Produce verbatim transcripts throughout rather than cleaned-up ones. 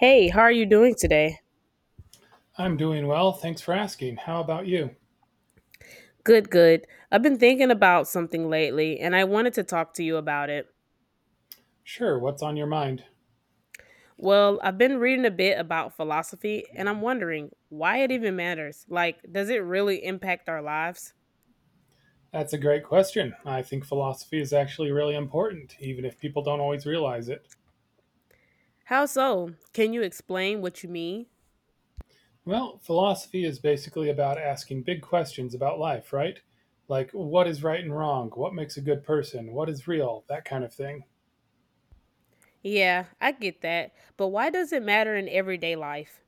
Hey, how are you doing today? I'm doing well, thanks for asking. How about you? Good, good. I've been thinking about something lately and I wanted to talk to you about it. Sure, what's on your mind? Well, I've been reading a bit about philosophy and I'm wondering why it even matters. Like, does it really impact our lives? That's a great question. I think philosophy is actually really important, even if people don't always realize it. How so? Can you explain what you mean? Well, philosophy is basically about asking big questions about life, right? Like what is right and wrong, what makes a good person, what is real, that kind of thing. Yeah, I get that. But why does it matter in everyday life?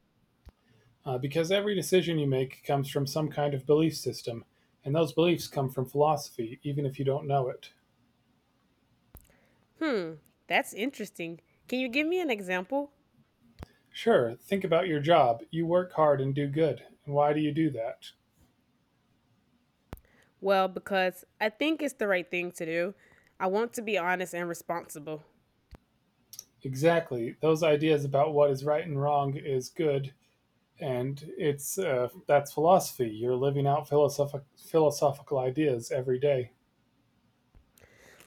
Uh, because every decision you make comes from some kind of belief system, and those beliefs come from philosophy, even if you don't know it. Hmm, that's interesting. Can you give me an example? Sure, think about your job. You work hard and do good. And why do you do that? Well, because I think it's the right thing to do. I want to be honest and responsible. Exactly, those ideas about what is right and wrong is good, and it's uh, that's philosophy. You're living out philosophic, philosophical ideas every day.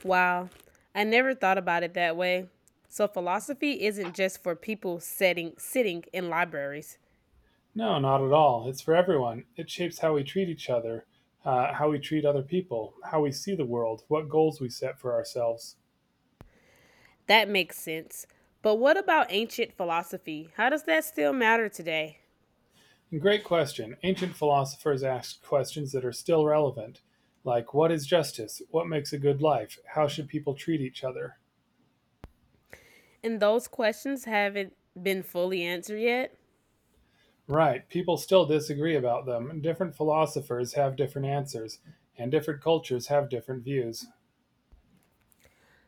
Wow, I never thought about it that way. So philosophy isn't just for people sitting sitting in libraries. No, not at all. It's for everyone. It shapes how we treat each other, uh, how we treat other people, how we see the world, what goals we set for ourselves. That makes sense. But what about ancient philosophy? How does that still matter today? And great question. Ancient philosophers asked questions that are still relevant, like what is justice, what makes a good life, how should people treat each other. And those questions haven't been fully answered yet. Right, people still disagree about them. And Different philosophers have different answers, and different cultures have different views.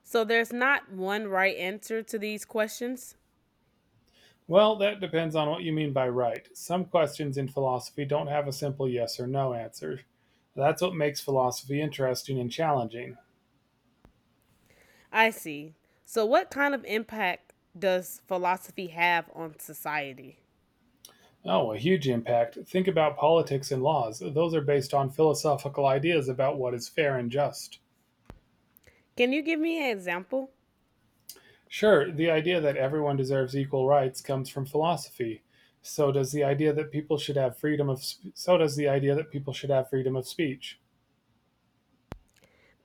So there's not one right answer to these questions. Well, that depends on what you mean by right. Some questions in philosophy don't have a simple yes or no answer. That's what makes philosophy interesting and challenging. I see. So what kind of impact does philosophy have on society? Oh, a huge impact. Think about politics and laws. Those are based on philosophical ideas about what is fair and just. Can you give me an example? Sure, the idea that everyone deserves equal rights comes from philosophy. So does the idea that people should have freedom of sp- So does the idea that people should have freedom of speech.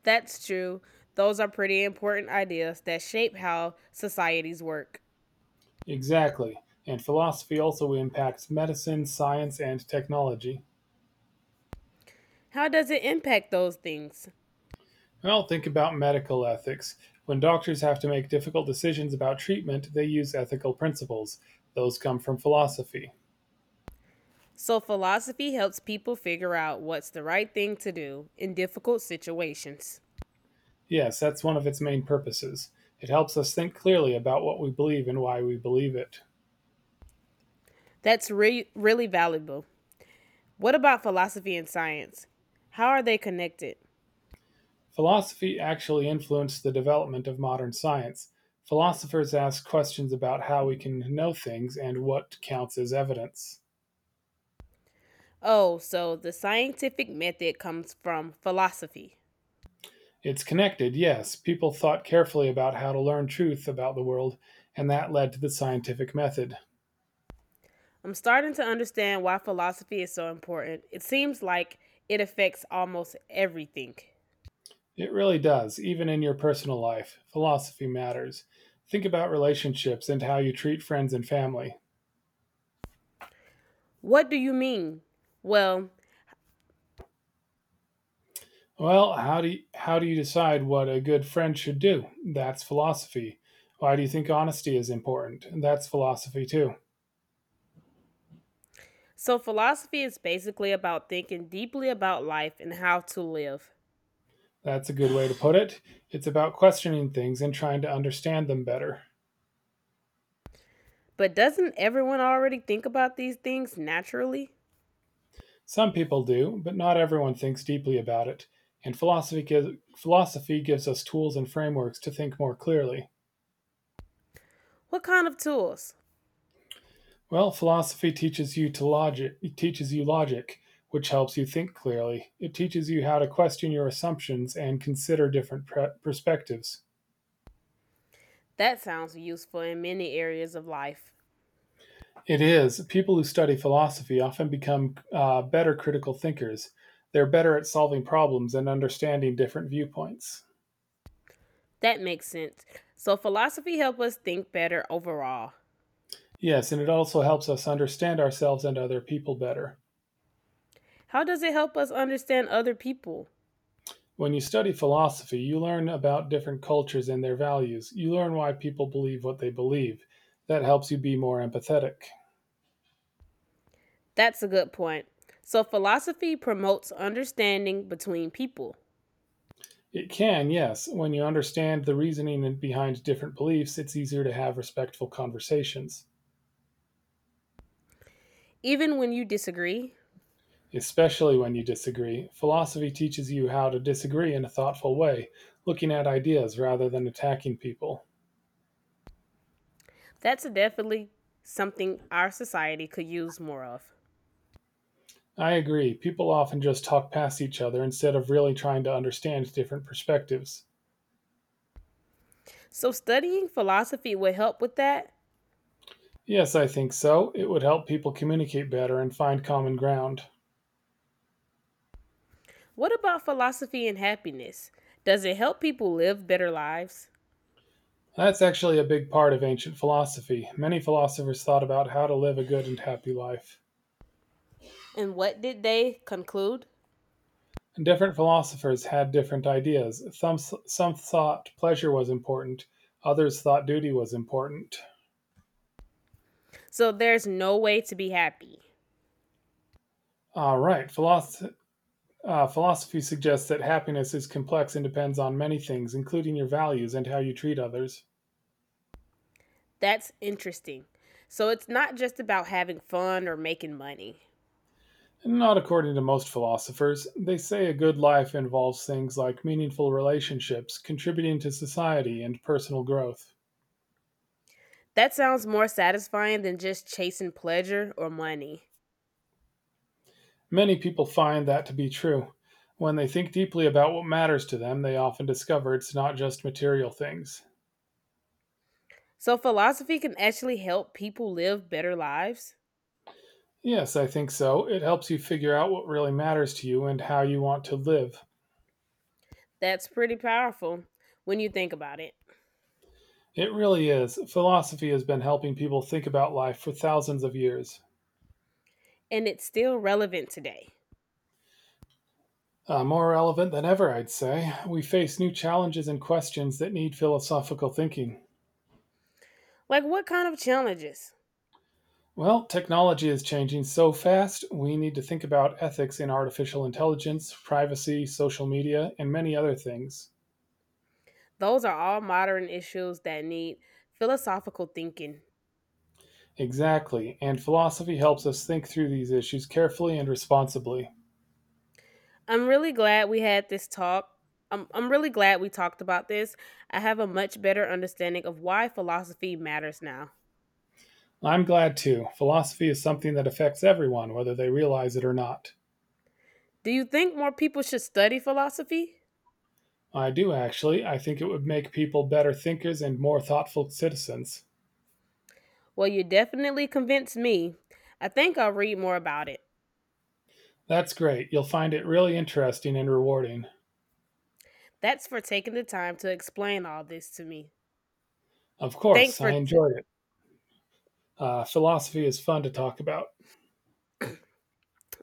That's true. Those are pretty important ideas that shape how societies work. Exactly. And philosophy also impacts medicine, science, and technology. How does it impact those things? Well, think about medical ethics. When doctors have to make difficult decisions about treatment, they use ethical principles. Those come from philosophy. So, philosophy helps people figure out what's the right thing to do in difficult situations. Yes, that's one of its main purposes. It helps us think clearly about what we believe and why we believe it. That's re- really valuable. What about philosophy and science? How are they connected? Philosophy actually influenced the development of modern science; philosophers ask questions about how we can know things and what counts as evidence. Oh, so the scientific method comes from philosophy. It's connected, yes. People thought carefully about how to learn truth about the world, and that led to the scientific method. I'm starting to understand why philosophy is so important. It seems like it affects almost everything. It really does, even in your personal life. Philosophy matters. Think about relationships and how you treat friends and family. What do you mean? Well, Well, how do you, how do you decide what a good friend should do? That's philosophy. Why do you think honesty is important? That's philosophy too. so philosophy is basically about thinking deeply about life and how to live. That's a good way to put it. It's about questioning things and trying to understand them better. But doesn't everyone already think about these things naturally? Some people do, but not everyone thinks deeply about it. And philosophy gives, Philosophy gives us tools and frameworks to think more clearly. What kind of tools? Well, philosophy teaches you to logic. It teaches you logic, which helps you think clearly. It teaches you how to question your assumptions and consider different pre- perspectives. That sounds useful in many areas of life. It is. People who study philosophy often become uh, better critical thinkers. They're better at solving problems and understanding different viewpoints. That makes sense. So philosophy helps us think better overall. Yes, and it also helps us understand ourselves and other people better. How does it help us understand other people? When you study philosophy, you learn about different cultures and their values. You learn why people believe what they believe. That helps you be more empathetic. That's a good point. So philosophy promotes understanding between people. It can, yes. When you understand the reasoning behind different beliefs, it's easier to have respectful conversations, Even when you disagree. especially when you disagree. Philosophy teaches you how to disagree in a thoughtful way, looking at ideas rather than attacking people. That's definitely something our society could use more of. I agree. People often just talk past each other instead of really trying to understand different perspectives. So, studying philosophy would help with that. Yes, I think so. It would help people communicate better and find common ground. What about philosophy and happiness? Does it help people live better lives? That's actually a big part of ancient philosophy. Many philosophers thought about how to live a good and happy life. And what did they conclude? Different philosophers had different ideas. Some, some thought pleasure was important, others thought duty was important. So, there's no way to be happy. All right, philosophy. Uh, philosophy suggests that happiness is complex and depends on many things, including your values and how you treat others. That's interesting. So, it's not just about having fun or making money. Not according to most philosophers. They say a good life involves things like meaningful relationships, contributing to society, and personal growth. That sounds more satisfying than just chasing pleasure or money. Many people find that to be true. When they think deeply about what matters to them, they often discover it's not just material things. So, philosophy can actually help people live better lives? Yes, I think so. It helps you figure out what really matters to you and how you want to live. That's pretty powerful when you think about it. It really is. Philosophy has been helping people think about life for thousands of years. And it's still relevant today. Uh, more relevant than ever, I'd say. We face new challenges and questions that need philosophical thinking. Like, what kind of challenges? Well, technology is changing so fast, we need to think about ethics in artificial intelligence, privacy, social media, and many other things. Those are all modern issues that need philosophical thinking. Exactly, and philosophy helps us think through these issues carefully and responsibly. I'm really glad we had this talk. I'm, I'm really glad we talked about this. I have a much better understanding of why philosophy matters now. I'm glad too. Philosophy is something that affects everyone, whether they realize it or not. Do you think more people should study philosophy? I do actually. I think it would make people better thinkers and more thoughtful citizens. Well, you definitely convinced me. I think I'll read more about it. That's great. You'll find it really interesting and rewarding. That's for taking the time to explain all this to me. Of Thanks course, for. I T- enjoyed it. Uh, philosophy is fun to talk about.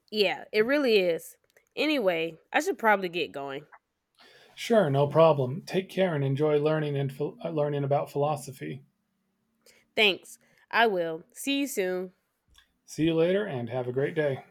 Yeah, it really is. Anyway, I should probably get going. Sure, no problem. Take care and enjoy learning and ph- uh, learning about philosophy. Thanks. I will. See you soon. See you later and have a great day.